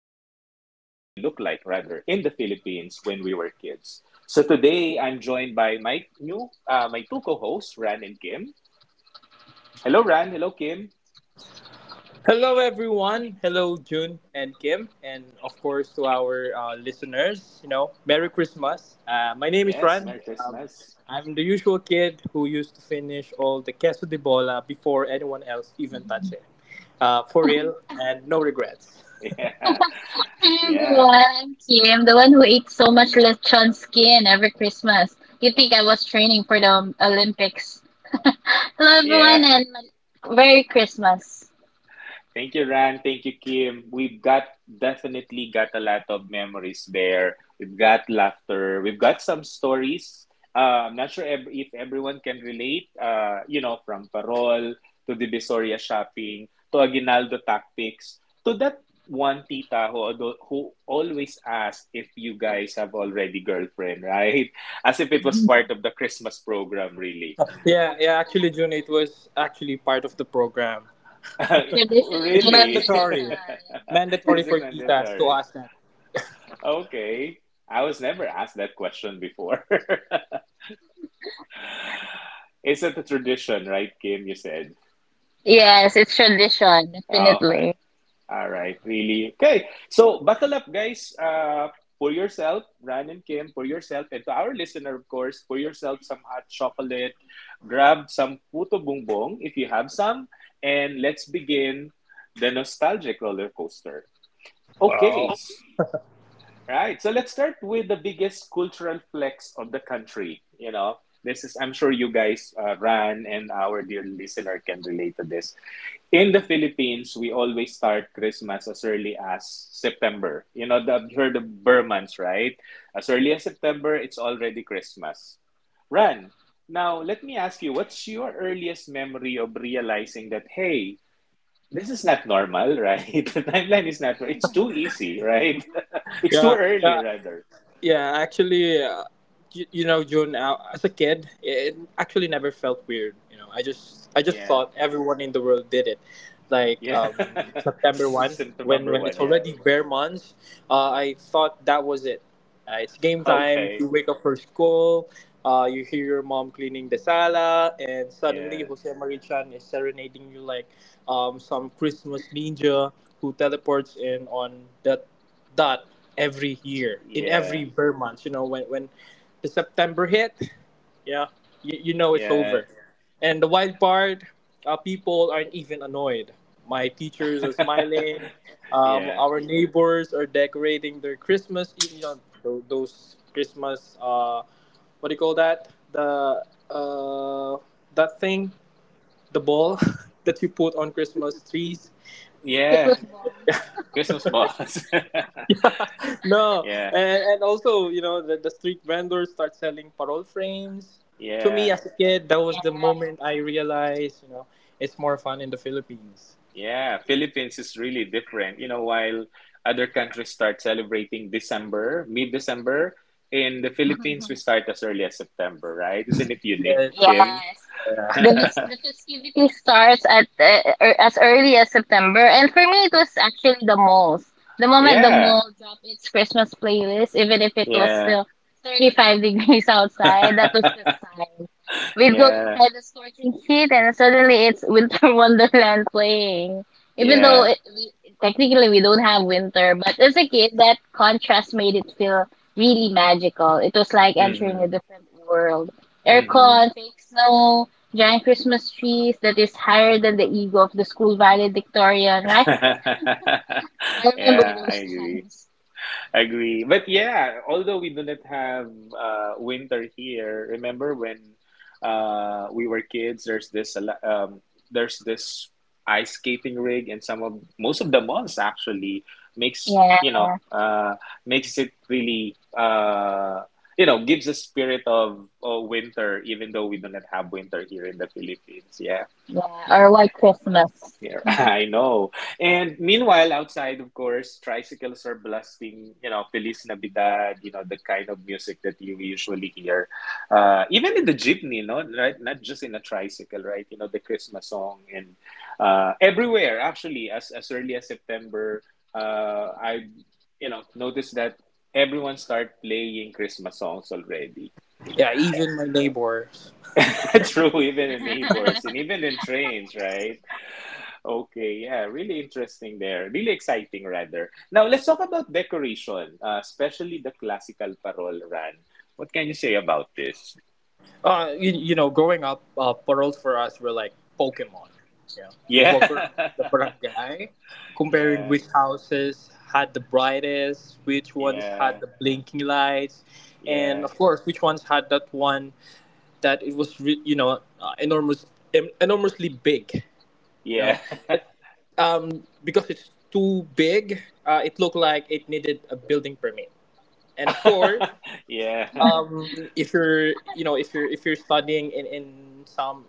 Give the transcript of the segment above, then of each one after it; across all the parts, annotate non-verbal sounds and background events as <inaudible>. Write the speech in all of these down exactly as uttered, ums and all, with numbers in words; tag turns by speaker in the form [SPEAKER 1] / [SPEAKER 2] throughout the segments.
[SPEAKER 1] what Christmas really looked like, rather, in the Philippines when we were kids. So today I'm joined by my new uh, my two co-hosts, Ran and Kim. Hello, Ran. Hello, Kim.
[SPEAKER 2] Hello, everyone.
[SPEAKER 3] Hi
[SPEAKER 2] Hello, June and Kim, and of course to our uh, listeners. You know, Merry Christmas. Uh, my name is
[SPEAKER 1] Yes,
[SPEAKER 2] Ran.
[SPEAKER 1] Merry
[SPEAKER 2] Um,
[SPEAKER 1] Christmas.
[SPEAKER 2] I'm the usual kid who used to finish all the queso de bola before anyone else even touched it. Uh, for real, and no regrets.
[SPEAKER 1] <laughs> Yeah, yeah,
[SPEAKER 3] everyone, I'm Kim, the one who ate so much lechon skin every Christmas. You think I was training for the um, Olympics? Hello everyone,
[SPEAKER 1] yeah.
[SPEAKER 3] and Merry Christmas.
[SPEAKER 1] Thank you, Ran. Thank you, Kim. We've got, definitely got a lot of memories there. We've got laughter. We've got some stories. Uh, I'm not sure ev- if everyone can relate, uh, you know, from parol to Divisoria shopping to Aguinaldo tactics to that one tita who, al- who always asked if you guys have already girlfriend, right? <laughs> As if it was part
[SPEAKER 3] <laughs>
[SPEAKER 1] of the Christmas program, really.
[SPEAKER 2] <laughs> Yeah, yeah. Actually, June, it was actually part of the program.
[SPEAKER 1] <laughs>
[SPEAKER 3] Tradition,
[SPEAKER 2] It's
[SPEAKER 3] June,
[SPEAKER 1] Really?
[SPEAKER 3] tradition.
[SPEAKER 2] mandatory,
[SPEAKER 1] <laughs>
[SPEAKER 2] mandatory
[SPEAKER 1] Is
[SPEAKER 2] for
[SPEAKER 1] it
[SPEAKER 2] titas to
[SPEAKER 1] mandatory?
[SPEAKER 2] ask that.
[SPEAKER 1] Okay. I was never asked that question before. <laughs> Is it a tradition, right, Kim? You said.
[SPEAKER 3] Yes, it's tradition,
[SPEAKER 1] Okay.
[SPEAKER 3] definitely.
[SPEAKER 1] All right. Really. Okay. So buckle up, guys. Uh, pour yourself, Ran and Kim, pour yourself, and to our listener, of course, pour yourself some hot chocolate. Grab some puto bongbong if you have some, and let's begin the nostalgic roller coaster. Okay. Right. So let's start with the biggest cultural flex of the country. You know, this is, I'm sure you guys, uh, Ran and our dear listener can relate to this. In the Philippines, we always start Christmas as early as September. You know, the, you heard of Burmans, right? As early as September, it's already Christmas. Ran, now let me ask you, what's your earliest memory of realizing that, hey, this is not normal, right? <laughs> The timeline is not, it's too easy, right? <laughs> It's too
[SPEAKER 2] Yeah,
[SPEAKER 1] early,
[SPEAKER 2] yeah.
[SPEAKER 1] rather.
[SPEAKER 2] Yeah, actually, uh, you, you know, June. Uh, as a kid, it actually never felt weird. You know, I just I just
[SPEAKER 1] Yeah.
[SPEAKER 2] thought everyone in the world did it. Like
[SPEAKER 1] Yeah.
[SPEAKER 2] um,
[SPEAKER 1] <laughs>
[SPEAKER 2] September one,
[SPEAKER 1] Symptom
[SPEAKER 2] when
[SPEAKER 1] number
[SPEAKER 2] when
[SPEAKER 1] one.
[SPEAKER 2] it's
[SPEAKER 1] Yeah.
[SPEAKER 2] already bare months, uh, I thought that was it. Uh, it's game time.
[SPEAKER 1] Okay.
[SPEAKER 2] You wake up for school. Uh, you hear your mom cleaning the sala, and suddenly
[SPEAKER 1] Yeah.
[SPEAKER 2] Jose Marichan is serenading you like um, some Christmas ninja who teleports in on that that every year in every
[SPEAKER 1] Yeah.
[SPEAKER 2] Burr month. You know, when when the September hit, yeah, you, you know it's
[SPEAKER 1] Yeah.
[SPEAKER 2] over. And the wild part, uh, people aren't even annoyed. My teachers are
[SPEAKER 1] <laughs>
[SPEAKER 2] smiling. Um,
[SPEAKER 1] Yeah.
[SPEAKER 2] our neighbors are decorating their Christmas. You, you know, tho- those Christmas. Uh, what do you call that? The uh, that thing, the ball <laughs> that you put on Christmas trees.
[SPEAKER 1] Yeah.
[SPEAKER 3] Christmas balls.
[SPEAKER 1] Christmas balls.
[SPEAKER 2] Yeah, <laughs>
[SPEAKER 1] <laughs>
[SPEAKER 2] no,
[SPEAKER 1] Yeah.
[SPEAKER 2] and, and also you know the, the street vendors start selling parole frames. To me,
[SPEAKER 1] Yeah.
[SPEAKER 2] as a kid, that was the
[SPEAKER 3] Yeah.
[SPEAKER 2] moment I realized you know it's more fun in the Philippines.
[SPEAKER 1] Yeah. Philippines is really different. You know, while other countries start celebrating December, mid December, in the Philippines, we
[SPEAKER 3] <laughs>
[SPEAKER 1] start as early as September, right? Isn't it unique,
[SPEAKER 2] Yes,
[SPEAKER 1] Kim?
[SPEAKER 3] Yes.
[SPEAKER 2] yeah,
[SPEAKER 1] <laughs>
[SPEAKER 3] The vis- the festivity starts at uh, er- as early as September, and for me, it was actually the malls. The moment the
[SPEAKER 1] Yeah.
[SPEAKER 3] mall dropped its Christmas playlist, even if it was
[SPEAKER 1] Yeah.
[SPEAKER 3] still thirty-five <laughs> degrees outside, that was
[SPEAKER 1] <laughs>
[SPEAKER 3] the sign. We'd go
[SPEAKER 1] Yeah.
[SPEAKER 3] inside the scorching heat, and suddenly it's Winter <laughs> Wonderland playing. Even though
[SPEAKER 1] Yeah.
[SPEAKER 3] it, we, technically we don't have winter, but as a kid, that contrast made it feel really magical. It was like entering
[SPEAKER 1] Mm-hmm.
[SPEAKER 3] a different world.
[SPEAKER 1] Mm-hmm.
[SPEAKER 3] Aircon, fake snow, giant Christmas trees that is higher than the ego of the school valedictorian, right?
[SPEAKER 1] <laughs>
[SPEAKER 3] I
[SPEAKER 1] Yeah,
[SPEAKER 3] remember
[SPEAKER 1] I
[SPEAKER 3] those
[SPEAKER 1] agree.
[SPEAKER 3] times.
[SPEAKER 1] Agree. But yeah, although we do not have uh, winter here, remember when uh, we were kids, there's this a lo- um, there's this ice skating rig and some of most of the malls actually makes
[SPEAKER 3] Yeah,
[SPEAKER 1] you know uh, makes it really, uh, you know gives a spirit of, of winter even though we do not have winter here in the Philippines. Yeah.
[SPEAKER 3] yeah. Or White Christmas.
[SPEAKER 1] Yeah,
[SPEAKER 3] <laughs>
[SPEAKER 1] <laughs>
[SPEAKER 3] yeah,
[SPEAKER 1] I know. And meanwhile, outside, of course, tricycles are blasting, you know, Feliz Navidad, you know, the kind of music that you usually hear. Uh, even in the jeepney, no, right? Not just in a tricycle, right? You know, the Christmas song and uh, everywhere, actually, as, as early as September, uh, I, you know, noticed that everyone start playing Christmas songs already.
[SPEAKER 2] yeah. Even my neighbors,
[SPEAKER 1] <laughs> True, even in neighbors and even in trains, right? Okay, yeah, really interesting there. Really exciting, rather. Now, let's talk about decoration, uh, especially the classical parol run. What can you say about this?
[SPEAKER 2] uh, you, you know, growing up, uh, paroles for us were like Pokemon. Yeah, you
[SPEAKER 1] Yeah,
[SPEAKER 2] walk around the
[SPEAKER 1] <laughs>
[SPEAKER 2] barangay, comparing
[SPEAKER 1] yeah,
[SPEAKER 2] which houses had the brightest, which ones had
[SPEAKER 1] yeah,
[SPEAKER 2] the blinking lights, and
[SPEAKER 1] yeah,
[SPEAKER 2] of course, which ones had that one that it was re- you know uh, enormous em- enormously big you know
[SPEAKER 1] yeah,
[SPEAKER 2] it, um because it's too big uh, it looked like it needed a building permit, and of course,
[SPEAKER 1] <laughs> yeah,
[SPEAKER 2] um if you're you know if you're if you're studying in in some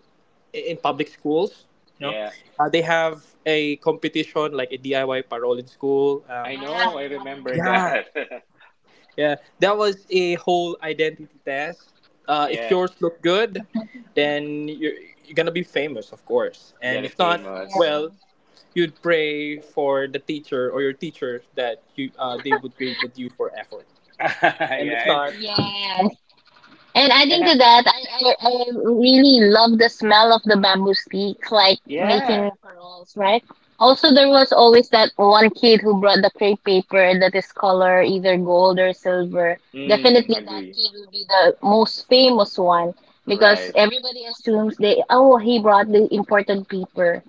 [SPEAKER 2] in public schools, you know,
[SPEAKER 1] yeah.
[SPEAKER 2] uh, they have a competition like a DIY parole in school. um
[SPEAKER 1] I
[SPEAKER 3] yeah.
[SPEAKER 1] know, I remember
[SPEAKER 2] yeah
[SPEAKER 1] that.
[SPEAKER 2] Yeah, that was a whole identity test.
[SPEAKER 1] <laughs>
[SPEAKER 2] Uh, if
[SPEAKER 1] Yeah,
[SPEAKER 2] yours look good,
[SPEAKER 3] Yeah.
[SPEAKER 2] then you're, you're gonna be famous, of course.
[SPEAKER 1] get
[SPEAKER 2] And
[SPEAKER 1] it
[SPEAKER 2] if not,
[SPEAKER 1] famous.
[SPEAKER 2] well, you'd pray for the teacher or your teacher that you uh, they would grade that you for effort.
[SPEAKER 1] <laughs>
[SPEAKER 2] And
[SPEAKER 1] Yeah,
[SPEAKER 2] if
[SPEAKER 1] and,
[SPEAKER 2] not,
[SPEAKER 3] Yeah. And adding
[SPEAKER 1] and I,
[SPEAKER 3] to that, I, I, I really love the smell of the bamboo sticks, like making
[SPEAKER 1] yeah,
[SPEAKER 3] pearls, right? Also, there was always that one kid who brought the crepe paper that is color either gold or silver.
[SPEAKER 1] mm,
[SPEAKER 3] Definitely, that
[SPEAKER 1] agree.
[SPEAKER 3] kid will be the most famous one because
[SPEAKER 1] Right,
[SPEAKER 3] everybody assumes they, oh, he brought the imported paper.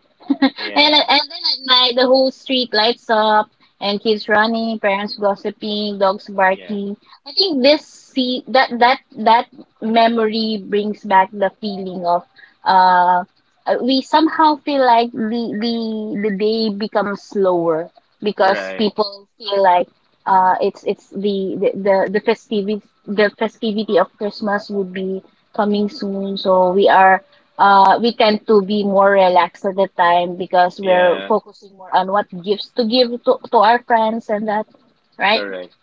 [SPEAKER 3] And
[SPEAKER 1] yeah,
[SPEAKER 3] and then at night, the whole street lights up, and kids running, parents gossiping, dogs
[SPEAKER 1] yeah,
[SPEAKER 3] barking. I think this see that that that memory brings back the feeling of uh, uh, we somehow feel like the the the day becomes slower because
[SPEAKER 1] right.
[SPEAKER 3] people feel like uh, it's it's the the the, the festivity the festivity of Christmas would be coming soon, so we are uh, we tend to be more relaxed at the time because we're
[SPEAKER 1] Yeah.
[SPEAKER 3] focusing more on what gifts to give to, to our friends and that, right?
[SPEAKER 1] Correct.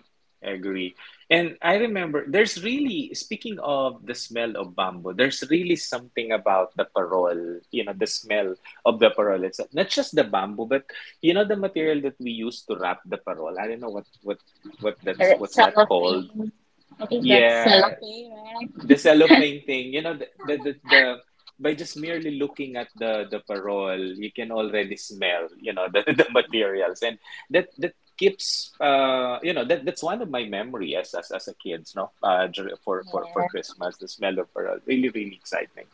[SPEAKER 1] Agree. And I remember there's really, speaking of the smell of bamboo, there's really something about the parol, you know, the smell of the parol. It's not just the bamboo, but you know the material that we use to wrap the parol. I don't know what what what that's
[SPEAKER 3] Uh,
[SPEAKER 1] what's that called.
[SPEAKER 3] cellophane. I think that's
[SPEAKER 1] Yeah,
[SPEAKER 3] cellophane, right?
[SPEAKER 1] the cellophane thing, you know, the, the, the, the by just merely looking at the the parole, you can already smell, you know, <laughs> the, the materials, and that that keeps, uh, you know, that that's one of my memories as as as a kid, no, uh, for for for Christmas, the smell of parole really really exciting.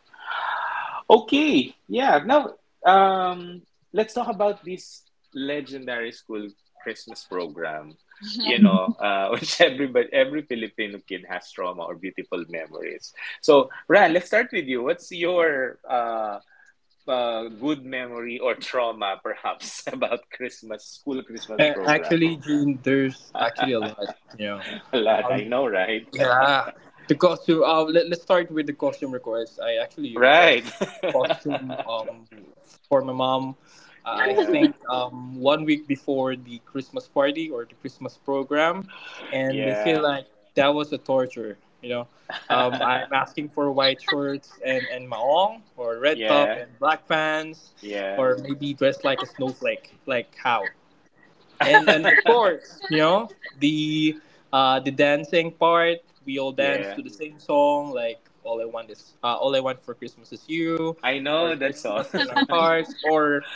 [SPEAKER 1] Okay, yeah. Now, um, let's talk about this legendary school Christmas program.
[SPEAKER 3] Yeah.
[SPEAKER 1] You
[SPEAKER 3] <laughs>
[SPEAKER 1] know, uh, <laughs> which everybody, every Filipino kid has trauma or beautiful memories. So, Ran, let's start with you. What's your uh, uh, good memory or trauma, perhaps, <laughs> about Christmas school Christmas
[SPEAKER 2] uh,
[SPEAKER 1] program?
[SPEAKER 2] actually, June, there's actually a lot, you know.
[SPEAKER 1] <laughs> A lot,
[SPEAKER 2] Um,
[SPEAKER 1] I know, right?
[SPEAKER 2] Yeah, the costume. Uh, let, let's start with the costume request. I actually request
[SPEAKER 1] Right.
[SPEAKER 2] costume
[SPEAKER 1] <laughs>
[SPEAKER 2] um for my mom. Uh, I
[SPEAKER 1] Yeah.
[SPEAKER 2] think um one week before the Christmas party or the Christmas program, and they feel
[SPEAKER 1] Yeah.
[SPEAKER 2] like that was a torture. You know, um, I'm
[SPEAKER 1] <laughs>
[SPEAKER 2] asking for white shorts and and maong or red top
[SPEAKER 1] Yeah.
[SPEAKER 2] and black pants,
[SPEAKER 1] Yeah.
[SPEAKER 2] or maybe dressed like a snowflake. Like how? and and of
[SPEAKER 1] <laughs>
[SPEAKER 2] course you know the uh the dancing part. We all dance
[SPEAKER 1] Yeah,
[SPEAKER 2] to the same song, like all i want is uh, all I want for Christmas is you,
[SPEAKER 1] I
[SPEAKER 2] or
[SPEAKER 1] know that song.
[SPEAKER 2] Christmas in
[SPEAKER 1] <laughs>
[SPEAKER 2] our hearts, or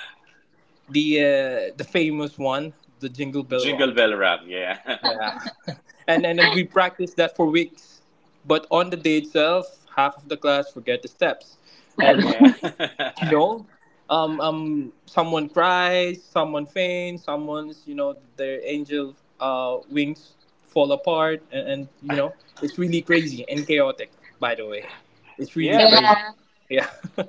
[SPEAKER 2] the uh, the famous one, the Jingle Bell
[SPEAKER 1] Jingle
[SPEAKER 2] Rock.
[SPEAKER 1] Bell Rock. Yeah,
[SPEAKER 2] Yeah and and then we practice that for weeks, but on the day itself half of the class forget the steps,
[SPEAKER 1] <laughs>
[SPEAKER 2] and
[SPEAKER 1] yeah,
[SPEAKER 3] So,
[SPEAKER 2] you
[SPEAKER 1] <laughs>
[SPEAKER 2] know um um someone cries, someone faints, someone's you know their angel uh wings fall apart, and, and you know it's really crazy and chaotic, by the way. It's really
[SPEAKER 1] yeah. But
[SPEAKER 2] crazy.
[SPEAKER 3] yeah.
[SPEAKER 2] yeah <laughs> uh,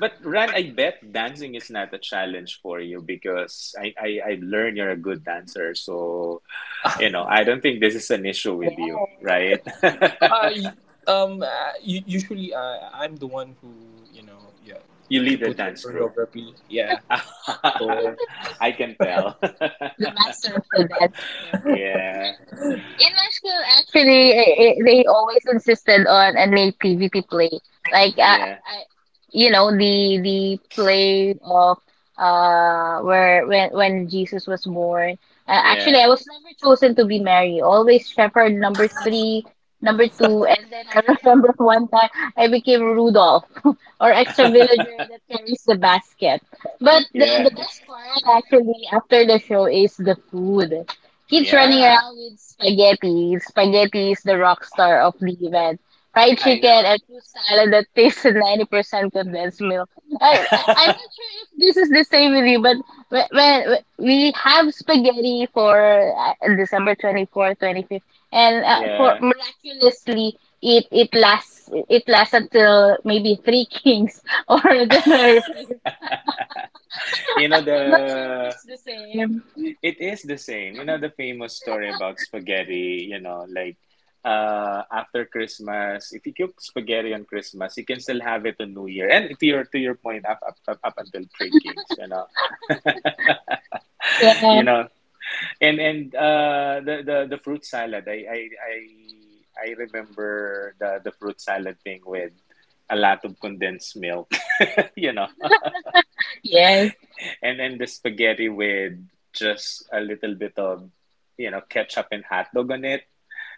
[SPEAKER 1] but Ran, I bet dancing is not a challenge for you because I I I learned you're a good dancer. So you know, I don't think this is an issue with you,
[SPEAKER 3] Yeah.
[SPEAKER 1] right? <laughs>
[SPEAKER 2] y- um uh, u- Usually uh, I'm the one who you know, yeah,
[SPEAKER 1] You
[SPEAKER 2] to
[SPEAKER 1] lead a
[SPEAKER 2] put the
[SPEAKER 1] dance group.
[SPEAKER 2] choreography, yeah,
[SPEAKER 1] <laughs> I
[SPEAKER 2] for.
[SPEAKER 1] can tell.
[SPEAKER 3] The
[SPEAKER 1] <laughs>
[SPEAKER 3] master of the dance floor.
[SPEAKER 1] Yeah,
[SPEAKER 3] In my school, actually, I I they always insisted on a Nate P V P play. Like, I,
[SPEAKER 1] yeah,
[SPEAKER 3] I, you know, the the play of uh where when when Jesus was born. Uh, actually,
[SPEAKER 1] yeah,
[SPEAKER 3] I was never chosen to be Mary. Always Shepherd number three, number two, and then I <laughs> remember one time I became Rudolph <laughs> or extra villager
[SPEAKER 1] <laughs>
[SPEAKER 3] that carries the basket. But the
[SPEAKER 1] yeah,
[SPEAKER 3] the best part actually after the show is the food. Kids running
[SPEAKER 1] yeah.
[SPEAKER 3] around with spaghetti. Spaghetti is the rock star of the event. Fried
[SPEAKER 1] I
[SPEAKER 3] chicken
[SPEAKER 1] know.
[SPEAKER 3] and fruit salad that tastes ninety percent condensed milk. I, I, I'm
[SPEAKER 1] <laughs>
[SPEAKER 3] not sure if this is the same with you, but when, when we have spaghetti for uh, December twenty-fourth, twenty-fifth, and uh, for
[SPEAKER 1] Yeah.
[SPEAKER 3] miraculously, it, it lasts it lasts until maybe Three Kings <laughs> or January fifth.
[SPEAKER 1] You know
[SPEAKER 3] I'm not sure if
[SPEAKER 1] the
[SPEAKER 3] it's the same.
[SPEAKER 1] It is the same. You know, the famous story about spaghetti, you know, like, uh, after Christmas, if you cook spaghetti on Christmas, you can still have it on New Year. And to your to your point, up up, up, up until Three Kings, you know, <laughs>
[SPEAKER 3] Yeah,
[SPEAKER 1] you know, and and uh, the, the the fruit salad, I I I, I remember the the fruit salad thing with a lot of condensed milk, <laughs> you know,
[SPEAKER 3] yes.
[SPEAKER 1] and then the spaghetti with just a little bit of you know ketchup and hot dog on it.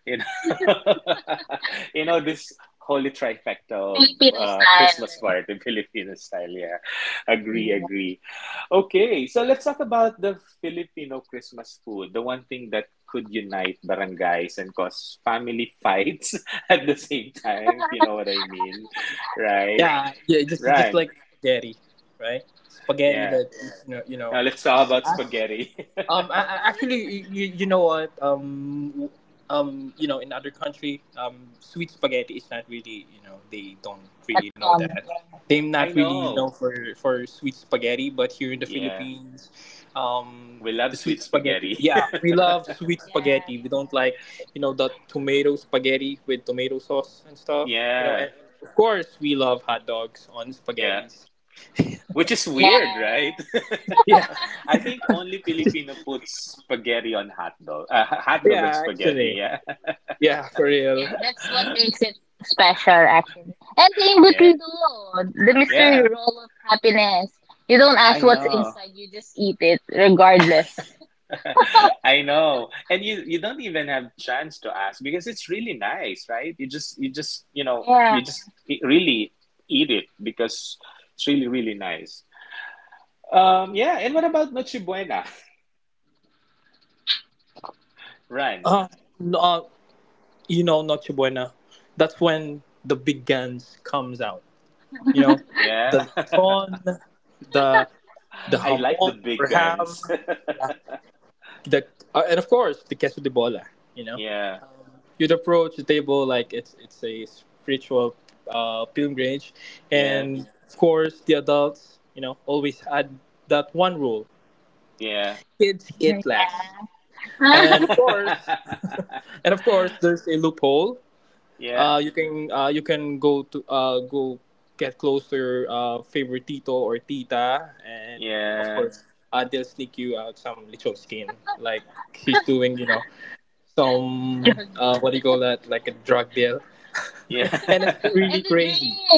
[SPEAKER 1] You know, <laughs> you know this holy trifecta of
[SPEAKER 3] Filipino
[SPEAKER 1] uh, Christmas
[SPEAKER 3] style.
[SPEAKER 1] party, Filipino style. Yeah, agree,
[SPEAKER 3] Yeah.
[SPEAKER 1] agree. Okay, so let's talk about the Filipino Christmas food, the one thing that could unite barangays and cause family fights <laughs> at the same time. If you know what I mean, right?
[SPEAKER 2] yeah yeah just just
[SPEAKER 1] Right.
[SPEAKER 2] like spaghetti, right? Spaghetti
[SPEAKER 1] Yeah.
[SPEAKER 2] that you know, you know
[SPEAKER 1] Now let's talk
[SPEAKER 2] um
[SPEAKER 1] about spaghetti. <laughs>
[SPEAKER 2] Um, I, I- actually, you, you know what? Um, w- um, you know, in other country, um, sweet spaghetti is not really, you know, they don't
[SPEAKER 3] That
[SPEAKER 2] really know
[SPEAKER 3] common.
[SPEAKER 2] that. They're
[SPEAKER 1] I
[SPEAKER 2] not really know
[SPEAKER 1] know.
[SPEAKER 2] for for sweet spaghetti, but here in the
[SPEAKER 1] Yeah,
[SPEAKER 2] Philippines, um,
[SPEAKER 1] we love
[SPEAKER 2] the sweet
[SPEAKER 1] sweet
[SPEAKER 2] spaghetti.
[SPEAKER 1] spaghetti.
[SPEAKER 2] Yeah,
[SPEAKER 1] <laughs>
[SPEAKER 2] we love sweet
[SPEAKER 3] Yeah.
[SPEAKER 2] spaghetti. We don't like, you know, the tomato spaghetti with tomato sauce and stuff. You know,
[SPEAKER 1] Yeah.
[SPEAKER 2] and of course, we love hot dogs on
[SPEAKER 1] Yeah.
[SPEAKER 2] spaghettis. <laughs>
[SPEAKER 1] Which is
[SPEAKER 3] Yeah.
[SPEAKER 1] weird, right?
[SPEAKER 3] Yeah.
[SPEAKER 2] Yeah,
[SPEAKER 1] <laughs> I think only Filipino puts spaghetti on hot dog. Uh, hot dog on
[SPEAKER 2] yeah, actually,
[SPEAKER 1] spaghetti. Yeah. <laughs>
[SPEAKER 2] yeah, for
[SPEAKER 3] Yeah.
[SPEAKER 2] real.
[SPEAKER 3] That's what makes it special, actually. And the
[SPEAKER 1] Yeah.
[SPEAKER 3] embutido, the mystery
[SPEAKER 1] Yeah.
[SPEAKER 3] roll of happiness. You don't ask
[SPEAKER 1] I
[SPEAKER 3] what's
[SPEAKER 1] know.
[SPEAKER 3] inside, you just eat it, regardless.
[SPEAKER 1] <laughs> I know. And you you don't even have chance to ask because it's really nice, right? You just you just, you know,
[SPEAKER 3] Yeah.
[SPEAKER 1] you just e- really eat it because it's really really nice. Um yeah, and what about Noche Buena? <laughs> Run.
[SPEAKER 2] Um, no, you know Noche Buena, that's when the big guns comes out. You know,
[SPEAKER 1] Yeah.
[SPEAKER 2] the ton, the the
[SPEAKER 1] <laughs>
[SPEAKER 3] Yeah.
[SPEAKER 1] I like the
[SPEAKER 2] hamon or
[SPEAKER 1] big
[SPEAKER 2] ham,
[SPEAKER 1] guns.
[SPEAKER 2] yeah. The uh, And of course the queso de bola. You
[SPEAKER 1] <laughs>
[SPEAKER 2] know,
[SPEAKER 1] Yeah.
[SPEAKER 2] you'd approach the table like it's it's a spiritual uh, pilgrimage,
[SPEAKER 1] Yeah.
[SPEAKER 2] and of course the adults, you know, always had that one rule:
[SPEAKER 1] Yeah.
[SPEAKER 2] kids eat last.
[SPEAKER 3] Yeah.
[SPEAKER 2] And
[SPEAKER 3] <laughs>
[SPEAKER 2] of course, <laughs>
[SPEAKER 1] <laughs>
[SPEAKER 2] and of course, there's a loophole.
[SPEAKER 1] yeah,
[SPEAKER 2] Uh, you can uh, you can go to uh, go get close to your uh, favorite tito or tita, and of
[SPEAKER 1] yeah,
[SPEAKER 2] course, uh, they'll sneak you out some little skin, like he's doing, you know, some
[SPEAKER 3] And
[SPEAKER 2] uh, what do you call that, like a drug deal, <laughs> and it's
[SPEAKER 1] yeah, <laughs>
[SPEAKER 2] really
[SPEAKER 3] the
[SPEAKER 2] crazy.
[SPEAKER 3] drinks,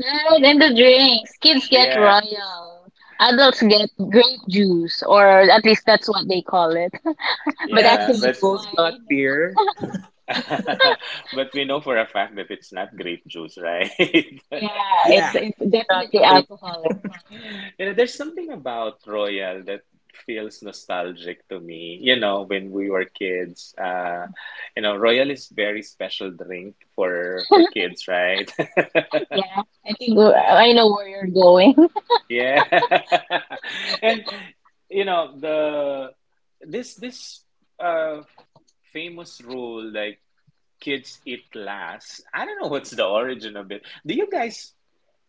[SPEAKER 3] right? And the drinks. Kids get
[SPEAKER 1] yeah,
[SPEAKER 3] royal. Adults
[SPEAKER 1] yeah,
[SPEAKER 3] get grape juice, or at least that's what they call it. <laughs> But
[SPEAKER 2] And
[SPEAKER 1] yeah.
[SPEAKER 3] actually,
[SPEAKER 1] But
[SPEAKER 3] it's
[SPEAKER 2] tito's
[SPEAKER 3] wine.
[SPEAKER 2] got beer.
[SPEAKER 1] <laughs> but we know for a fact that it's not grape juice, right? <laughs>
[SPEAKER 3] Yeah, it's
[SPEAKER 2] Yeah,
[SPEAKER 3] it's
[SPEAKER 2] it's not
[SPEAKER 3] definitely
[SPEAKER 2] great.
[SPEAKER 3] alcohol.
[SPEAKER 1] You know, there's something about Royal that feels nostalgic to me. You know, when we were kids, uh, you know, Royal is very special drink for for kids, right? <laughs>
[SPEAKER 3] I think I know where you're going.
[SPEAKER 1] Yeah, <laughs> and you know the this this. uh. famous rule like kids eat last. I don't know what's the origin of it. Do you guys,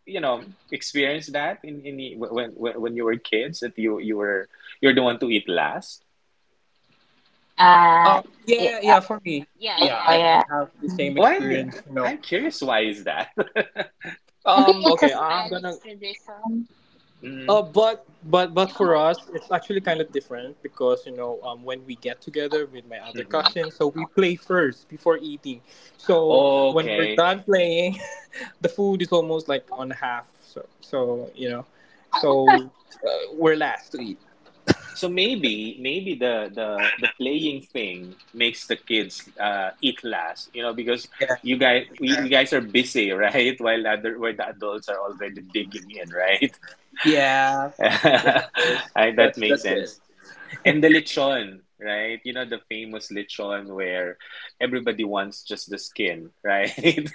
[SPEAKER 1] you know, experience that in in the- when when when you were kids that you you were you're the one to eat last?
[SPEAKER 3] Uh,
[SPEAKER 2] Um,
[SPEAKER 3] it,
[SPEAKER 2] yeah,
[SPEAKER 3] uh,
[SPEAKER 2] yeah, for me,
[SPEAKER 3] yeah,
[SPEAKER 2] yeah,
[SPEAKER 3] yeah,
[SPEAKER 2] I
[SPEAKER 3] yeah.
[SPEAKER 2] I have the same
[SPEAKER 1] Why?
[SPEAKER 2] experience, you know.
[SPEAKER 1] I'm curious. Why is that?
[SPEAKER 3] I think
[SPEAKER 2] Um,
[SPEAKER 3] it's a
[SPEAKER 2] okay, I'm gonna
[SPEAKER 3] Spanish.
[SPEAKER 1] <laughs> Hmm.
[SPEAKER 2] Uh, but but but for us, it's actually kind of different because you know um, when we get together with my other
[SPEAKER 1] Hmm.
[SPEAKER 2] cousins, so we play first before eating. So when we're
[SPEAKER 1] Okay.
[SPEAKER 2] done playing, <laughs> the food is almost like on half. So so you know, so uh, we're last to eat.
[SPEAKER 1] So maybe maybe the the the playing thing makes the kids uh, eat last, you know, because
[SPEAKER 2] Yeah,
[SPEAKER 1] you guys we, we guys are busy, right? <laughs> While other where the adults are already digging in, right?
[SPEAKER 2] yeah,
[SPEAKER 1] <laughs>
[SPEAKER 2] yeah. Of course.
[SPEAKER 1] I, that
[SPEAKER 2] That's
[SPEAKER 1] makes
[SPEAKER 2] that's it.
[SPEAKER 1] sense. And the lechon, right? You know, the famous lechon where everybody wants just the skin, right? <laughs>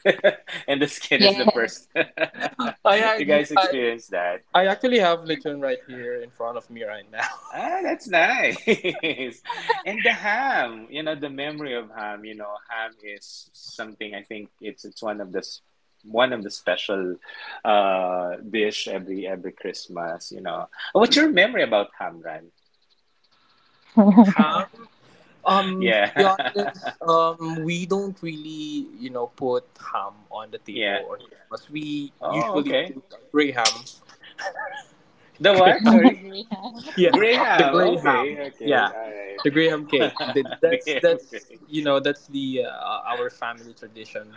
[SPEAKER 1] And the skin is the
[SPEAKER 3] Yeah.
[SPEAKER 1] first. <laughs>
[SPEAKER 2] I,
[SPEAKER 1] You
[SPEAKER 2] act-
[SPEAKER 1] guys
[SPEAKER 2] I
[SPEAKER 1] experienced that.
[SPEAKER 2] I actually have lechon right here in front of me right now.
[SPEAKER 1] Ah, that's nice. <laughs> And the ham, you know, the memory of ham, you know, ham is something I think it's it's one of the s- one of the special uh dish every every Christmas, you know. What's your memory about ham, Ran?
[SPEAKER 2] <laughs>
[SPEAKER 3] <laughs>
[SPEAKER 2] How?
[SPEAKER 1] <laughs>
[SPEAKER 2] Um, to be
[SPEAKER 1] Yeah. <laughs>
[SPEAKER 2] honest, um, we don't really, you know, put ham on the
[SPEAKER 1] Yeah.
[SPEAKER 2] table or Christmas. We
[SPEAKER 1] Oh,
[SPEAKER 2] usually
[SPEAKER 1] okay.
[SPEAKER 2] put gray ham. <laughs>
[SPEAKER 1] The
[SPEAKER 2] Grey
[SPEAKER 1] what?
[SPEAKER 2] ham.
[SPEAKER 1] Sorry.
[SPEAKER 2] Yeah, the
[SPEAKER 1] Graham.
[SPEAKER 2] gray ham.
[SPEAKER 1] Okay, okay.
[SPEAKER 2] Yeah, the gray ham
[SPEAKER 1] All
[SPEAKER 2] cake.
[SPEAKER 1] right.
[SPEAKER 2] Th-
[SPEAKER 1] <laughs> The
[SPEAKER 2] That's
[SPEAKER 1] ham
[SPEAKER 2] that's
[SPEAKER 1] gray.
[SPEAKER 2] you know that's the uh, our family tradition.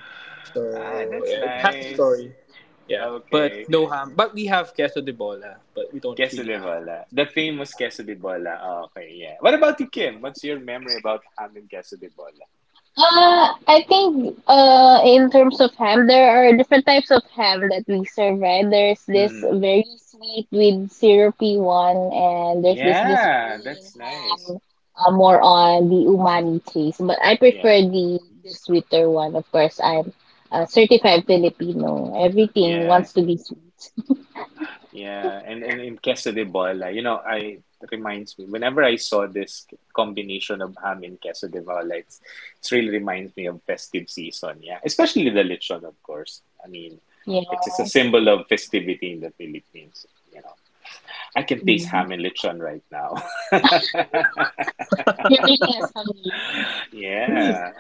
[SPEAKER 1] Ah,
[SPEAKER 2] So
[SPEAKER 1] that's
[SPEAKER 2] yeah, it has a
[SPEAKER 1] nice.
[SPEAKER 2] story. Yeah,
[SPEAKER 1] Okay.
[SPEAKER 2] but no ham. But we have queso de bola, but we don't
[SPEAKER 1] Queso
[SPEAKER 2] really
[SPEAKER 1] de
[SPEAKER 2] have. Ham.
[SPEAKER 1] bola. The famous queso de bola. Ah, okay, yeah. What about you, Kim? What's your memory about having and queso de bola?
[SPEAKER 3] Uh, I think uh in terms of ham, there are different types of ham that we serve, right? There's this
[SPEAKER 1] Mm.
[SPEAKER 3] very sweet with syrupy one, and there's this this
[SPEAKER 1] Yeah,
[SPEAKER 3] plain
[SPEAKER 1] that's nice.
[SPEAKER 3] ham, uh, more on the umami taste. But I prefer
[SPEAKER 1] Yeah.
[SPEAKER 3] the the sweeter one, of course. I'm a certified Filipino. Everything
[SPEAKER 1] Yeah.
[SPEAKER 3] wants to be sweet.
[SPEAKER 1] Yeah, and, and in queso de bola, you know, I it reminds me whenever I saw this combination of ham and queso de bola, it's it really reminds me of festive season. Yeah, especially the lechon, of course. I mean,
[SPEAKER 3] Yeah.
[SPEAKER 1] it is a symbol of festivity in the Philippines. You know, I can taste
[SPEAKER 3] Mhm.
[SPEAKER 1] ham and lechon right now. <laughs>
[SPEAKER 3] You're making us hungry.
[SPEAKER 1] Yeah.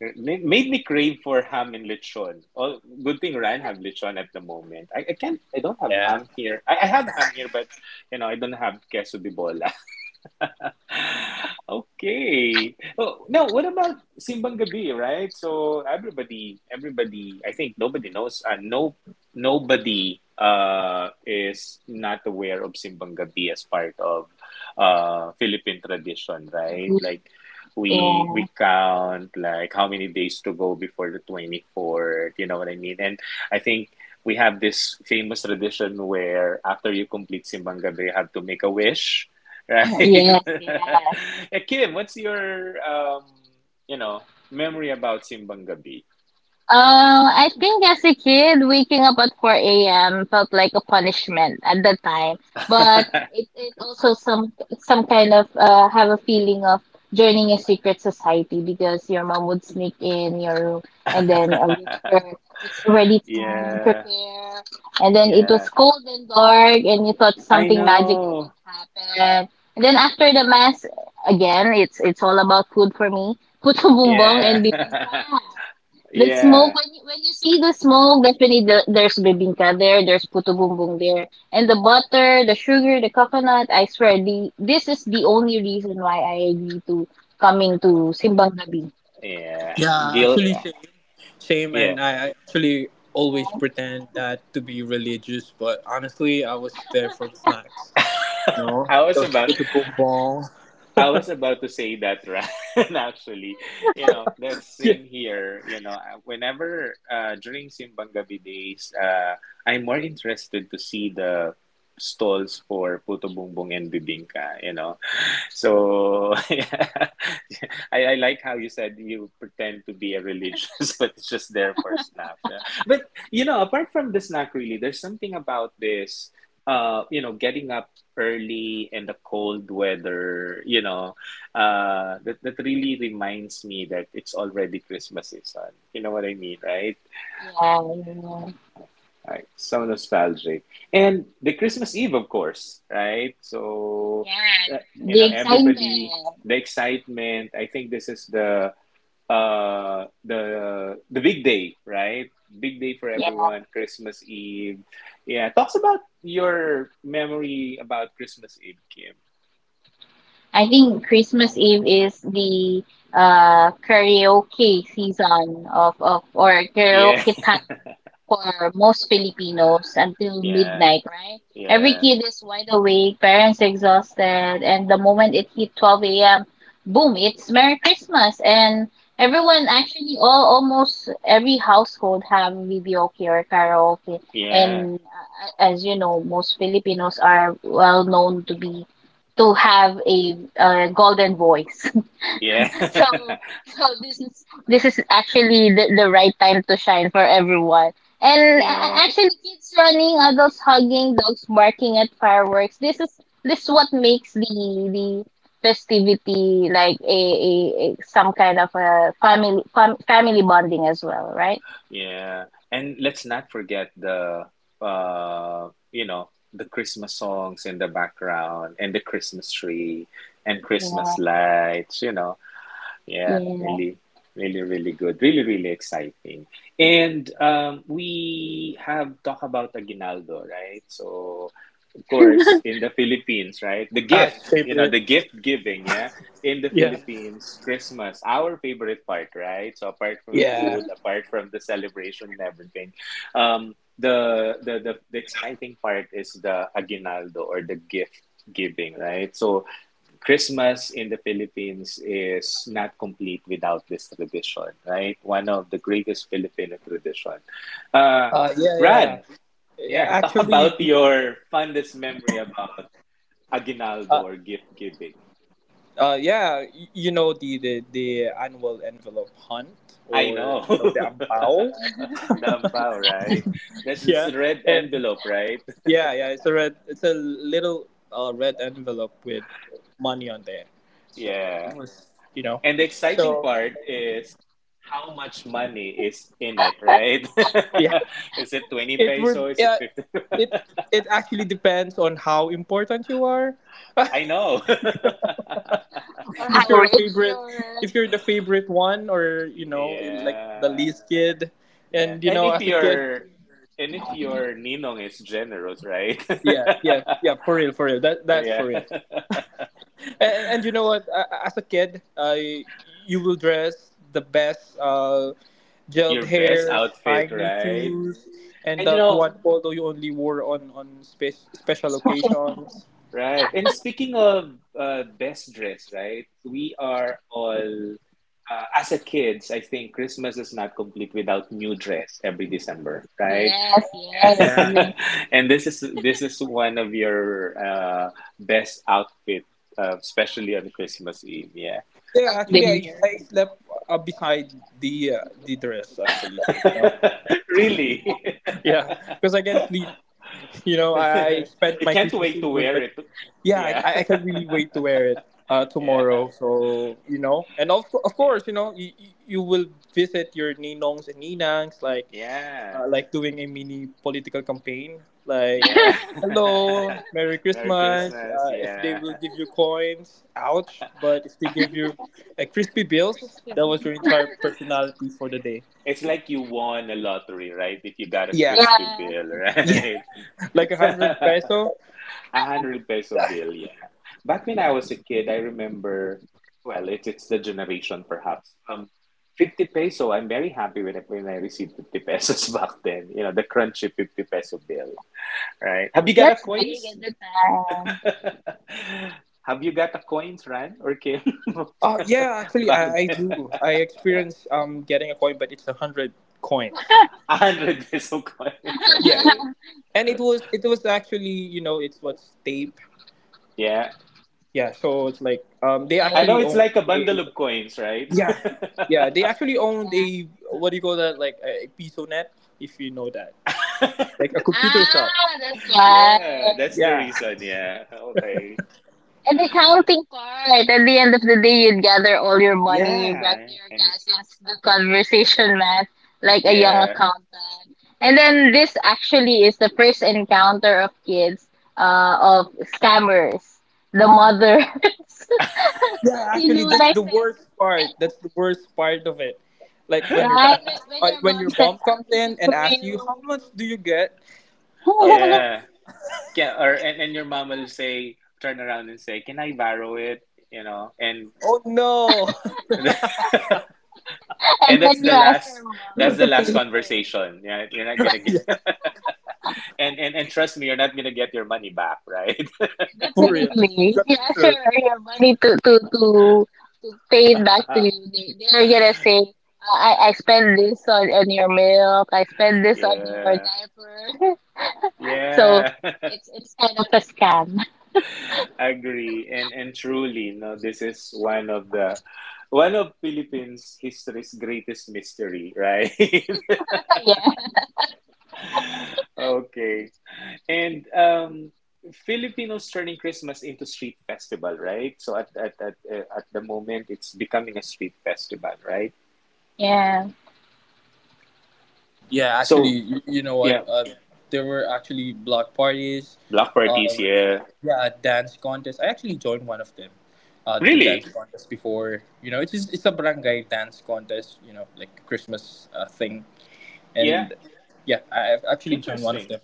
[SPEAKER 1] It made me crave for ham and lechon. Oh, good thing Ryan have lechon at the moment. I, I can't, I don't have
[SPEAKER 2] Yeah.
[SPEAKER 1] ham here. I, I have ham here, but, you know, I don't have queso de bola. <laughs> Okay. Oh, now what about Simbang Gabi, right? So everybody, everybody, I think nobody knows. Uh, no, nobody uh, is not aware of Simbang Gabi as part of uh, Philippine tradition, right? Like we
[SPEAKER 3] Yeah.
[SPEAKER 1] we count like how many days to go before the twenty-fourth, you know what I mean? And I think we have this famous tradition where after you complete Simbang Gabi, you have to make a wish. Right.
[SPEAKER 3] Yes,
[SPEAKER 1] <laughs>
[SPEAKER 3] yes.
[SPEAKER 1] Eh, Kim, what's your um, you know, memory about Simbang Gabi?
[SPEAKER 3] Uh, I think as a kid, waking up at four a m felt like a punishment at the time, but it, it also some some kind of uh, have a feeling of joining a secret society because your mom would sneak in your room and then uh, whisper,
[SPEAKER 1] <laughs>
[SPEAKER 3] "It's already time,
[SPEAKER 1] Yeah,
[SPEAKER 3] prepare." And then it was
[SPEAKER 1] yeah.
[SPEAKER 3] cold and dark, and you thought
[SPEAKER 1] I
[SPEAKER 3] something magical would
[SPEAKER 1] know.
[SPEAKER 3] happen. And then after the mass, again, it's it's all about food for me. Putong Bumbong and
[SPEAKER 1] Yeah. <laughs>
[SPEAKER 3] the smoke
[SPEAKER 1] Yeah.
[SPEAKER 3] when you, when you see the smoke, definitely the, there's bibingka there, there's puto bumbong there, and the butter, the sugar, the coconut. I swear, the this is the only reason why I agree to coming to Simbang Gabi.
[SPEAKER 1] Yeah.
[SPEAKER 2] Yeah,
[SPEAKER 1] Gil,
[SPEAKER 2] actually, same. Same,
[SPEAKER 1] yeah.
[SPEAKER 2] and I I actually always pretend that to be religious, but honestly, I was there for the snacks. You know,
[SPEAKER 1] <laughs> I was
[SPEAKER 2] those
[SPEAKER 1] about.
[SPEAKER 2] puto bonbon.
[SPEAKER 1] I was about to say that, <laughs> Ran, actually. You know, that's
[SPEAKER 2] Yeah,
[SPEAKER 1] same here. You know, I- whenever uh, during Simbang Gabi days, uh, I'm more interested to see the stalls for puto bumbong and bibingka, you know. So <laughs> yeah, I, I like how you said you pretend to be a religious, <laughs> but it's just there for snacks. Yeah. But you know, apart from the snack, really, there's something about this. Uh, you know, getting up early in the cold weather. You know, uh, that that really reminds me that it's already Christmas season. You know what I mean, right?
[SPEAKER 3] Yeah, you know
[SPEAKER 1] Right, so nostalgic. And the Christmas Eve, of course, right? So, uh, you
[SPEAKER 3] the
[SPEAKER 1] know,
[SPEAKER 3] excitement.
[SPEAKER 1] everybody, the excitement. I think this is the uh the the big day, right? Big day for everyone, Christmas Eve. Yeah, talks about your memory about Christmas Eve, Kim.
[SPEAKER 3] I think Christmas Eve is the uh, karaoke season of, of or
[SPEAKER 1] Yeah,
[SPEAKER 3] karaoke time for most Filipinos
[SPEAKER 1] <laughs>
[SPEAKER 3] until
[SPEAKER 1] yeah,
[SPEAKER 3] midnight, right? Every
[SPEAKER 1] yeah,
[SPEAKER 3] kid is wide awake, parents exhausted, and the moment it hit twelve a m, boom, it's Merry Christmas. And everyone, actually, all almost every household have videoke or karaoke.
[SPEAKER 1] yeah,
[SPEAKER 3] And uh, as you know, most Filipinos are well known to be to have a uh, golden voice.
[SPEAKER 1] yeah,
[SPEAKER 3] <laughs>
[SPEAKER 1] <laughs>
[SPEAKER 3] So this is actually the, the right time to shine for everyone. And uh,
[SPEAKER 1] yeah.
[SPEAKER 3] actually, kids running, adults hugging, dogs barking at fireworks. This is this what makes the the festivity like a, a, a some kind of a family fam, family bonding as well, right?
[SPEAKER 1] Yeah, and let's not forget the uh, you know, the Christmas songs in the background and the Christmas tree and
[SPEAKER 3] Yeah,
[SPEAKER 1] Christmas lights, you know. Yeah,
[SPEAKER 3] yeah.
[SPEAKER 1] really, really, really good. Really, really exciting. And um, we have talked about Aguinaldo, right? So, of course, in the Philippines, right? The gift,
[SPEAKER 2] that's
[SPEAKER 1] you know,
[SPEAKER 2] favorite.
[SPEAKER 1] the gift giving, yeah? In the
[SPEAKER 2] Yeah,
[SPEAKER 1] Philippines, Christmas, our favorite part, right? So, apart from
[SPEAKER 2] yeah,
[SPEAKER 1] food, apart from the celebration and everything, um, the, the, the, the exciting part is the Aguinaldo or the gift giving, right? So, Christmas in the Philippines is not complete without this tradition, right? One of the greatest Filipino tradition. Uh,
[SPEAKER 2] uh, yeah, yeah.
[SPEAKER 1] Ran,
[SPEAKER 2] yeah
[SPEAKER 1] yeah, <laughs> talk
[SPEAKER 2] actually,
[SPEAKER 1] about your fondest memory about aguinaldo
[SPEAKER 2] uh,
[SPEAKER 1] or gift giving.
[SPEAKER 2] uh, yeah, y- you know the the, the annual envelope hunt,
[SPEAKER 1] I
[SPEAKER 2] or
[SPEAKER 1] know.
[SPEAKER 2] you know the ampao.
[SPEAKER 1] <laughs>
[SPEAKER 2] <laughs>
[SPEAKER 1] Dampao, right? That's this
[SPEAKER 2] yeah,
[SPEAKER 1] red
[SPEAKER 2] and.
[SPEAKER 1] envelope, right?
[SPEAKER 2] Yeah, yeah, it's a red. It's a little uh, red envelope with money on there. So it
[SPEAKER 1] Yeah.
[SPEAKER 2] was, you know,
[SPEAKER 1] And the exciting
[SPEAKER 2] so
[SPEAKER 1] part is how much money is in it, right?
[SPEAKER 2] yeah,
[SPEAKER 1] <laughs> Is it
[SPEAKER 2] <laughs>
[SPEAKER 1] twenty
[SPEAKER 2] it
[SPEAKER 1] peso?
[SPEAKER 2] would.
[SPEAKER 1] Is it
[SPEAKER 2] Yeah,
[SPEAKER 1] fifty?
[SPEAKER 2] it
[SPEAKER 1] <laughs>
[SPEAKER 2] it actually depends on how important you are. <laughs>
[SPEAKER 1] I know. <laughs>
[SPEAKER 2] If
[SPEAKER 3] How
[SPEAKER 2] you're the
[SPEAKER 3] rich?
[SPEAKER 2] favorite, if you're the favorite one, or you know, like the
[SPEAKER 1] Yeah,
[SPEAKER 2] least kid,
[SPEAKER 1] yeah.
[SPEAKER 2] and you
[SPEAKER 1] And
[SPEAKER 2] know,
[SPEAKER 1] if
[SPEAKER 2] as a kid,
[SPEAKER 1] your and if your ninong is generous, right?
[SPEAKER 2] yeah, yeah, yeah, for real, for real. That
[SPEAKER 1] <laughs>
[SPEAKER 2] that's
[SPEAKER 1] Yeah,
[SPEAKER 2] for real. And, and You know what? A- As a kid, uh, you will dress the best, uh, gelled
[SPEAKER 1] your best
[SPEAKER 2] hair,
[SPEAKER 1] outfit,
[SPEAKER 2] shiny
[SPEAKER 1] right?
[SPEAKER 2] shoes, and
[SPEAKER 1] And you
[SPEAKER 2] that
[SPEAKER 1] know,
[SPEAKER 2] one polo you only wore on on spe- special occasions.
[SPEAKER 1] right? And speaking of uh, best dress, right? We are all uh, as a kids. I think Christmas is not complete without new dress every December, right?
[SPEAKER 3] Yes, yes,
[SPEAKER 1] <laughs>
[SPEAKER 2] Yeah.
[SPEAKER 3] yes.
[SPEAKER 1] And this is this is one of your uh, best outfit, uh, especially on Christmas Eve. Yeah,
[SPEAKER 2] Yeah,
[SPEAKER 3] Of the
[SPEAKER 2] actually, I,
[SPEAKER 3] year.
[SPEAKER 2] I slept uh, beside the uh, the dress actually. You know?
[SPEAKER 1] <laughs> really.
[SPEAKER 2] <laughs>
[SPEAKER 1] <laughs>
[SPEAKER 2] Yeah, because I can sleep. You know, I spent
[SPEAKER 1] You
[SPEAKER 2] my
[SPEAKER 1] can't
[SPEAKER 2] Christmas
[SPEAKER 1] wait to
[SPEAKER 2] Eve with,
[SPEAKER 1] wear
[SPEAKER 2] but
[SPEAKER 1] it.
[SPEAKER 2] yeah, I,
[SPEAKER 1] Yeah,
[SPEAKER 2] I I can't really wait
[SPEAKER 1] <laughs>
[SPEAKER 2] to wear it uh,
[SPEAKER 1] yeah,
[SPEAKER 2] tomorrow. So you know, and of co- of
[SPEAKER 1] yeah,
[SPEAKER 2] course, you know, you, you will visit your ninongs and ninangs, like
[SPEAKER 1] yeah,
[SPEAKER 2] uh, like doing a mini political campaign, like.
[SPEAKER 1] yeah.
[SPEAKER 3] <laughs>
[SPEAKER 2] Hello, Merry
[SPEAKER 1] <laughs> Merry
[SPEAKER 2] Christmas.
[SPEAKER 1] Christmas.
[SPEAKER 2] Uh, if they
[SPEAKER 1] Yeah,
[SPEAKER 2] will give you coins, ouch. But if they give you a crispy bills, that was your entire personality for the day.
[SPEAKER 1] it's like you won a lottery, right? If you got a
[SPEAKER 2] Yeah.
[SPEAKER 1] crispy
[SPEAKER 3] Yeah,
[SPEAKER 1] bill,
[SPEAKER 2] Yeah.
[SPEAKER 1] right?
[SPEAKER 2] <laughs> Like a hundred
[SPEAKER 1] <laughs>
[SPEAKER 2] peso.
[SPEAKER 1] A hundred peso bill. Back when I was a kid, I remember, well, it's it's the generation perhaps. Um, fifty peso, I'm very happy when I, when I received fifty pesos <laughs> back then. You know, the crunchy fifty peso bill, right? Have you got a
[SPEAKER 3] that's big
[SPEAKER 1] coins?
[SPEAKER 3] at the time.
[SPEAKER 1] <laughs> Have you got a coins, Ran or Kim?
[SPEAKER 2] Oh
[SPEAKER 1] <laughs>
[SPEAKER 2] yeah, actually
[SPEAKER 1] Back
[SPEAKER 2] I, I
[SPEAKER 1] then,
[SPEAKER 2] do. I experienced um getting a coin, but it's a hundred coins.
[SPEAKER 1] <laughs> one hundred peso coins,
[SPEAKER 2] Yeah,
[SPEAKER 1] okay.
[SPEAKER 2] and it was it was actually you know it's what's tape.
[SPEAKER 1] Yeah.
[SPEAKER 2] Yeah, so it's like um they
[SPEAKER 1] I
[SPEAKER 3] Yeah.
[SPEAKER 1] know
[SPEAKER 2] actually
[SPEAKER 1] it's
[SPEAKER 2] own
[SPEAKER 1] like a bundle
[SPEAKER 2] a
[SPEAKER 1] of coins, right?
[SPEAKER 2] yeah yeah they actually owned a what do you call that, like a piso net if you know that, like a computer shop.
[SPEAKER 3] Ah, that's
[SPEAKER 1] <laughs> Yeah,
[SPEAKER 3] why.
[SPEAKER 1] that's the
[SPEAKER 2] Yeah
[SPEAKER 1] reason. Yeah. Okay.
[SPEAKER 3] And the counting part. At the end of the day, you'd gather all your money back to
[SPEAKER 1] Yeah.
[SPEAKER 3] your
[SPEAKER 1] And,
[SPEAKER 3] cousins, the conversation math, like a young
[SPEAKER 1] yeah.
[SPEAKER 3] accountant. And then this actually is the first encounter of kids uh, of scammers, the mothers, <laughs>
[SPEAKER 2] <laughs> yeah actually that's the worst part. That's the worst part of it. Like when your
[SPEAKER 3] right? When when
[SPEAKER 2] uh,
[SPEAKER 3] your
[SPEAKER 2] when
[SPEAKER 3] mom
[SPEAKER 2] your
[SPEAKER 3] says,
[SPEAKER 2] mom
[SPEAKER 3] I'll
[SPEAKER 2] comes
[SPEAKER 3] keep it
[SPEAKER 2] in and
[SPEAKER 3] for
[SPEAKER 2] asks you how
[SPEAKER 3] you.
[SPEAKER 2] much do you get, uh, it's finished.
[SPEAKER 1] Yeah. can or and, and your mom will say, turn around and say, "Can I borrow it?" You know, and
[SPEAKER 2] Oh no! <laughs>
[SPEAKER 1] <laughs>
[SPEAKER 3] <laughs> And
[SPEAKER 1] and that's
[SPEAKER 3] when you
[SPEAKER 1] the
[SPEAKER 3] ask your
[SPEAKER 1] last
[SPEAKER 3] mom
[SPEAKER 1] that's the
[SPEAKER 3] to
[SPEAKER 1] last
[SPEAKER 3] pay for it,
[SPEAKER 1] conversation. Yeah, you're not gonna get
[SPEAKER 2] Yeah,
[SPEAKER 1] <laughs> and and and trust me, you're not gonna get your money back, right?
[SPEAKER 2] for real.
[SPEAKER 3] definitely, if
[SPEAKER 2] That's
[SPEAKER 3] you
[SPEAKER 2] for
[SPEAKER 3] ask her
[SPEAKER 2] sure.
[SPEAKER 3] your money to, to, to pay it back to you.
[SPEAKER 1] <laughs>
[SPEAKER 3] They, they're gonna say, uh, I, I spend this on, on your milk, I spend this on your
[SPEAKER 1] Yeah.
[SPEAKER 3] diaper. <laughs> So
[SPEAKER 1] Yeah. <laughs>
[SPEAKER 3] it's it's kind of a scam.
[SPEAKER 1] Agree. And and truly, no, this is one of the one of Philippines history's greatest mystery, right? <laughs>
[SPEAKER 3] <laughs> yeah,
[SPEAKER 1] <laughs> Okay. And um, Filipinos turning Christmas into street festival, right? So at at at, uh, at the moment, it's becoming a street festival, right?
[SPEAKER 3] yeah.
[SPEAKER 2] Yeah, actually,
[SPEAKER 1] So
[SPEAKER 2] you, you know what?
[SPEAKER 1] yeah,
[SPEAKER 2] Uh, there were actually block parties.
[SPEAKER 1] block parties,
[SPEAKER 2] Um,
[SPEAKER 1] yeah.
[SPEAKER 2] yeah, dance contest. I actually joined one of them. Uh, the dance
[SPEAKER 1] Really?
[SPEAKER 2] contest before. You know, it's just, it's a barangay dance contest. You know, like Christmas uh, thing.
[SPEAKER 1] Yeah.
[SPEAKER 2] and yeah, I- have actually joined one of
[SPEAKER 1] Interesting.
[SPEAKER 2] them.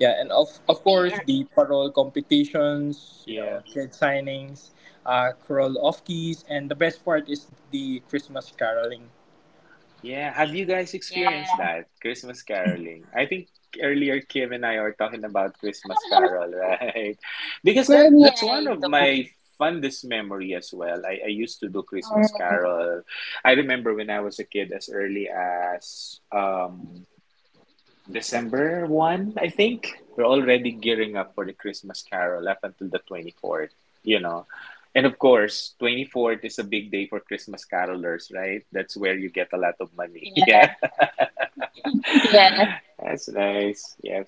[SPEAKER 2] Yeah, and of
[SPEAKER 3] I
[SPEAKER 2] of
[SPEAKER 3] think,
[SPEAKER 2] course
[SPEAKER 3] or
[SPEAKER 2] the parole competitions, you
[SPEAKER 1] Yeah.
[SPEAKER 2] know, kid signings, uh, crawl off keys, and the best part is the Christmas caroling.
[SPEAKER 1] Yeah, have you guys experienced
[SPEAKER 3] yeah.
[SPEAKER 1] that? Christmas caroling. I think earlier Kim and I were talking about Christmas Carol, <laughs> right? Because
[SPEAKER 3] For
[SPEAKER 1] then
[SPEAKER 3] me,
[SPEAKER 1] that's one
[SPEAKER 3] I
[SPEAKER 1] of my
[SPEAKER 3] don't.
[SPEAKER 1] fondest memory as well. I, I used to do
[SPEAKER 3] Um,
[SPEAKER 1] Christmas Carol. I remember when I was a kid as early as um December one, I think. We're already gearing up for the Christmas Carol up until the twenty-fourth, you know. And of course, twenty-fourth is a big day for Christmas carolers, right? That's where you get a lot of money. <laughs> Yeah.
[SPEAKER 3] yeah, yeah.
[SPEAKER 1] That's nice. Yeah.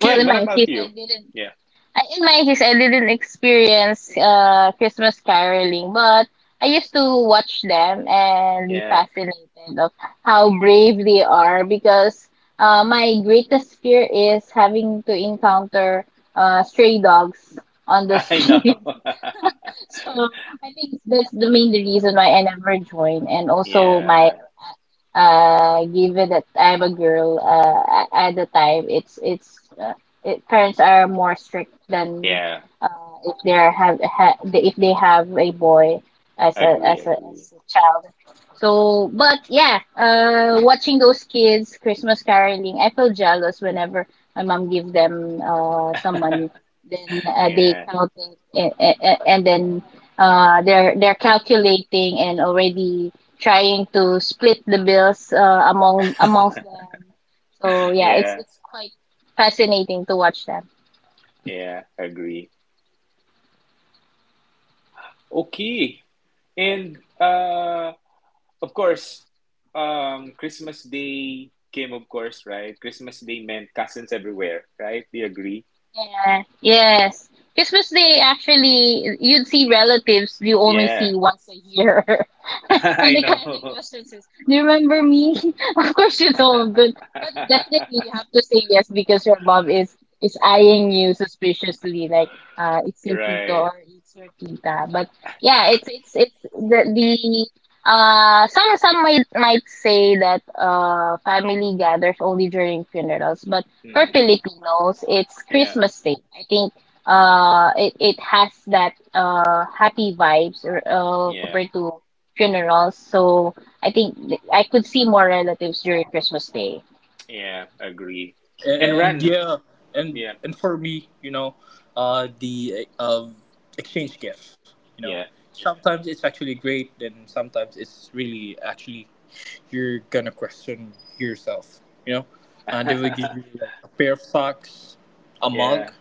[SPEAKER 3] Well, in
[SPEAKER 1] what
[SPEAKER 3] my
[SPEAKER 1] about
[SPEAKER 3] case,
[SPEAKER 1] you?
[SPEAKER 3] I didn't
[SPEAKER 1] Yeah.
[SPEAKER 3] I- in my case, I didn't experience uh Christmas caroling, but I used to watch them and be
[SPEAKER 1] Yeah.
[SPEAKER 3] fascinated of how brave they are because uh, my greatest fear is having to encounter uh, stray dogs on the
[SPEAKER 1] I know.
[SPEAKER 3] street. <laughs>
[SPEAKER 1] <laughs>
[SPEAKER 3] So I think that's the main reason why I never joined, and also my
[SPEAKER 1] Yeah.
[SPEAKER 3] uh, given that I'm a girl, uh, a- at the time, it's it's uh, it, parents are more strict than
[SPEAKER 1] Yeah.
[SPEAKER 3] uh, if they are have ha, if they have a boy as a
[SPEAKER 1] Agree,
[SPEAKER 3] as a
[SPEAKER 1] agree.
[SPEAKER 3] as a child. So, but yeah, uh, watching those kids Christmas caroling, I feel jealous whenever my mom give them uh some money. Then uh, they
[SPEAKER 1] Yeah.
[SPEAKER 3] count it, and, and then uh they're they're calculating and already trying to split the bills uh, among amongst them. So yeah, it's
[SPEAKER 1] Yeah.
[SPEAKER 3] it's quite fascinating to watch them.
[SPEAKER 1] Yeah. Agree. Okay. And uh Of course, um, Christmas Day came, of course, right? Christmas Day meant cousins everywhere, right? Do you agree?
[SPEAKER 3] Yeah, yes. Christmas Day, actually, you'd see relatives you only see
[SPEAKER 1] Yeah,
[SPEAKER 3] once a year.
[SPEAKER 1] <laughs>
[SPEAKER 3] <laughs> And
[SPEAKER 1] I
[SPEAKER 3] the classic
[SPEAKER 1] know.
[SPEAKER 3] question is, Do you remember me? <laughs> Of course you don't, but, but definitely you
[SPEAKER 1] <laughs>
[SPEAKER 3] have to say yes because your mom is, is eyeing you suspiciously, like, uh, it's your tito
[SPEAKER 1] Right.
[SPEAKER 3] or it's your tita. But yeah, it's, it's, it's the, the, uh, some, some might, might say that, uh, family gathers only during funerals, but for
[SPEAKER 1] Hmm.
[SPEAKER 3] Filipinos, it's
[SPEAKER 1] Yeah,
[SPEAKER 3] Christmas Day. I think uh, it, it has that uh, happy vibes or, uh,
[SPEAKER 1] yeah,
[SPEAKER 3] compared to funerals. So I think th- I could see more relatives during Christmas Day.
[SPEAKER 1] yeah, agree.
[SPEAKER 2] And,
[SPEAKER 1] And
[SPEAKER 2] and
[SPEAKER 1] Run.
[SPEAKER 2] yeah, and
[SPEAKER 1] Yeah,
[SPEAKER 2] and for me, you know, uh, the uh, exchange gift, you know,
[SPEAKER 1] yeah.
[SPEAKER 2] sometimes it's actually great, and sometimes it's really actually you're gonna question yourself, you know. Uh, they will give you
[SPEAKER 1] <laughs>
[SPEAKER 2] like a pair of socks, a
[SPEAKER 1] Yeah,
[SPEAKER 2] mug,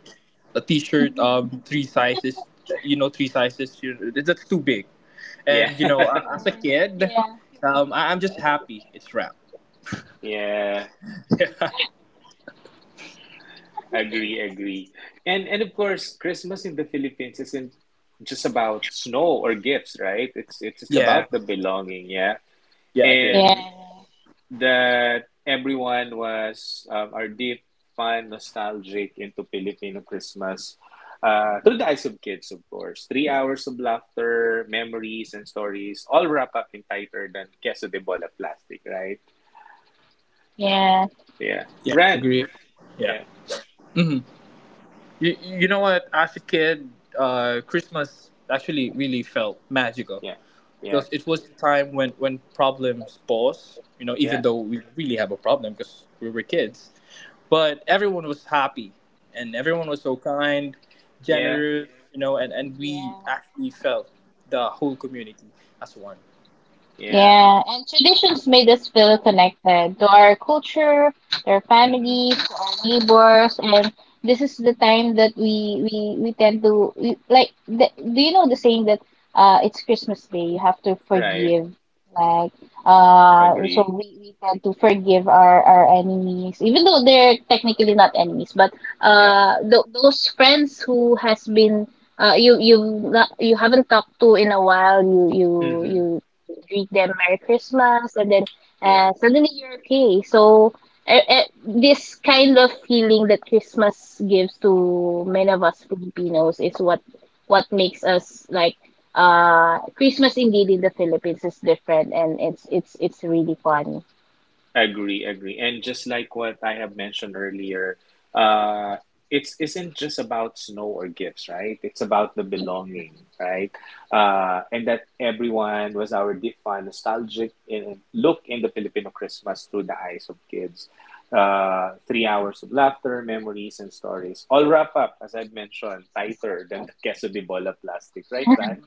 [SPEAKER 2] a t-shirt, um, three sizes, you know, three sizes. you- That's too big,
[SPEAKER 1] yeah,
[SPEAKER 2] and you know, a- as a kid,
[SPEAKER 3] Yeah.
[SPEAKER 2] um, I- I'm just happy it's wrapped.
[SPEAKER 1] <laughs> yeah. Agree, agree. And and of course, Christmas in the Philippines isn't just about snow or gifts, right? It's it's it's
[SPEAKER 2] Yeah,
[SPEAKER 1] about the belonging, yeah.
[SPEAKER 2] yeah, agree,
[SPEAKER 3] Yeah,
[SPEAKER 2] agree.
[SPEAKER 1] And that everyone was um, our deep fun nostalgic into Filipino Christmas, uh, through the eyes of kids, of course. Three hours of laughter, memories, and stories, all wrapped up in tighter than queso de bola plastic, right?
[SPEAKER 3] yeah.
[SPEAKER 1] Yeah.
[SPEAKER 2] Yeah,
[SPEAKER 1] Ran.
[SPEAKER 2] agree. yeah.
[SPEAKER 1] Yeah.
[SPEAKER 2] Mhm. You, you know what? As a kid, uh, Christmas actually really felt magical
[SPEAKER 1] Yeah. Yeah.
[SPEAKER 2] because it was the time when, when problems pause, you know, even
[SPEAKER 1] Yeah.
[SPEAKER 2] though we really have a problem because we were kids. But everyone was happy, and everyone was so kind,
[SPEAKER 1] Yeah.
[SPEAKER 2] generous, you know, and, and we
[SPEAKER 3] Yeah.
[SPEAKER 2] actually felt the whole community as one.
[SPEAKER 1] Yeah.
[SPEAKER 3] Yeah, and traditions made us feel connected to our culture, to our
[SPEAKER 1] Mm-hmm.
[SPEAKER 3] families, to our neighbors, and this is the time that we we we tend to we, like. The, do you know the saying that uh it's Christmas Day, you have to
[SPEAKER 1] Right.
[SPEAKER 3] forgive, like uh so
[SPEAKER 1] Agree.
[SPEAKER 3] we we tend to forgive our our enemies, even though they're technically not enemies, but
[SPEAKER 1] Yeah.
[SPEAKER 3] uh th those friends who has been uh you you not you haven't talked to in a while you you you
[SPEAKER 1] Mm-hmm.
[SPEAKER 3] greet them Merry Christmas, and then
[SPEAKER 1] Yeah.
[SPEAKER 3] uh, suddenly you're okay. So uh, uh, this kind of feeling that Christmas gives to many of us Filipinos is what what makes us like uh Christmas indeed in the Philippines is different, and it's it's it's really fun.
[SPEAKER 1] Agree, agree. And just like what I have mentioned earlier, uh, it's isn't just about snow or gifts, right? It's about the belonging, right? Uh, and that everyone was our defined nostalgic in, look in the Filipino Christmas through the eyes of kids. Uh, three hours of laughter, memories, and stories. All wrap up, as I've mentioned, tighter than the queso de bola plastic, right, Ran?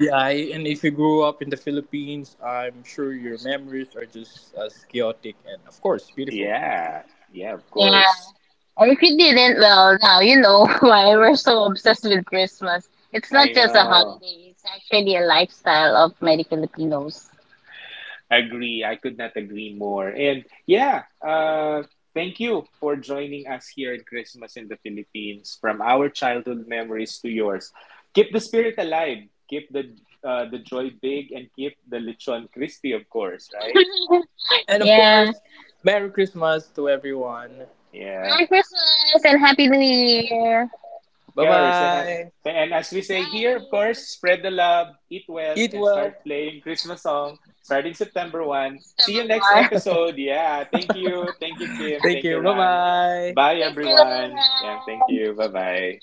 [SPEAKER 2] Yeah, I, and if you grew up in the Philippines, I'm sure your memories are just as chaotic and, of course, beautiful.
[SPEAKER 1] Yeah, yeah, of
[SPEAKER 3] Yeah,
[SPEAKER 1] course.
[SPEAKER 3] and if you didn't, well, now you know <laughs> why we're so obsessed with Christmas. It's not
[SPEAKER 1] I
[SPEAKER 3] just a
[SPEAKER 1] know.
[SPEAKER 3] holiday; it's actually a lifestyle of many Filipinos.
[SPEAKER 1] Agree. I could not agree more. And yeah, uh, thank you for joining us here at Christmas in the Philippines. From our childhood memories to yours, keep the spirit alive. Keep the uh, the joy big, and keep the lechon crispy, of course. Right?
[SPEAKER 2] And of
[SPEAKER 3] Yeah.
[SPEAKER 2] course, Merry Christmas to everyone.
[SPEAKER 1] Yeah.
[SPEAKER 3] Merry Christmas and Happy New Year,
[SPEAKER 1] Of
[SPEAKER 2] Bye
[SPEAKER 1] course, and I,
[SPEAKER 2] bye.
[SPEAKER 1] and as we say here, of course, spread the love, eat well,
[SPEAKER 2] Eat
[SPEAKER 1] and start
[SPEAKER 2] well.
[SPEAKER 1] playing Christmas song starting September one. See you next
[SPEAKER 3] everyone.
[SPEAKER 1] episode. Yeah, thank you. Thank you, Kim.
[SPEAKER 2] Thank
[SPEAKER 1] Thank you,
[SPEAKER 2] you. Bye
[SPEAKER 1] Ran.
[SPEAKER 2] bye.
[SPEAKER 1] Bye, everyone. Yeah, thank you. Bye-bye.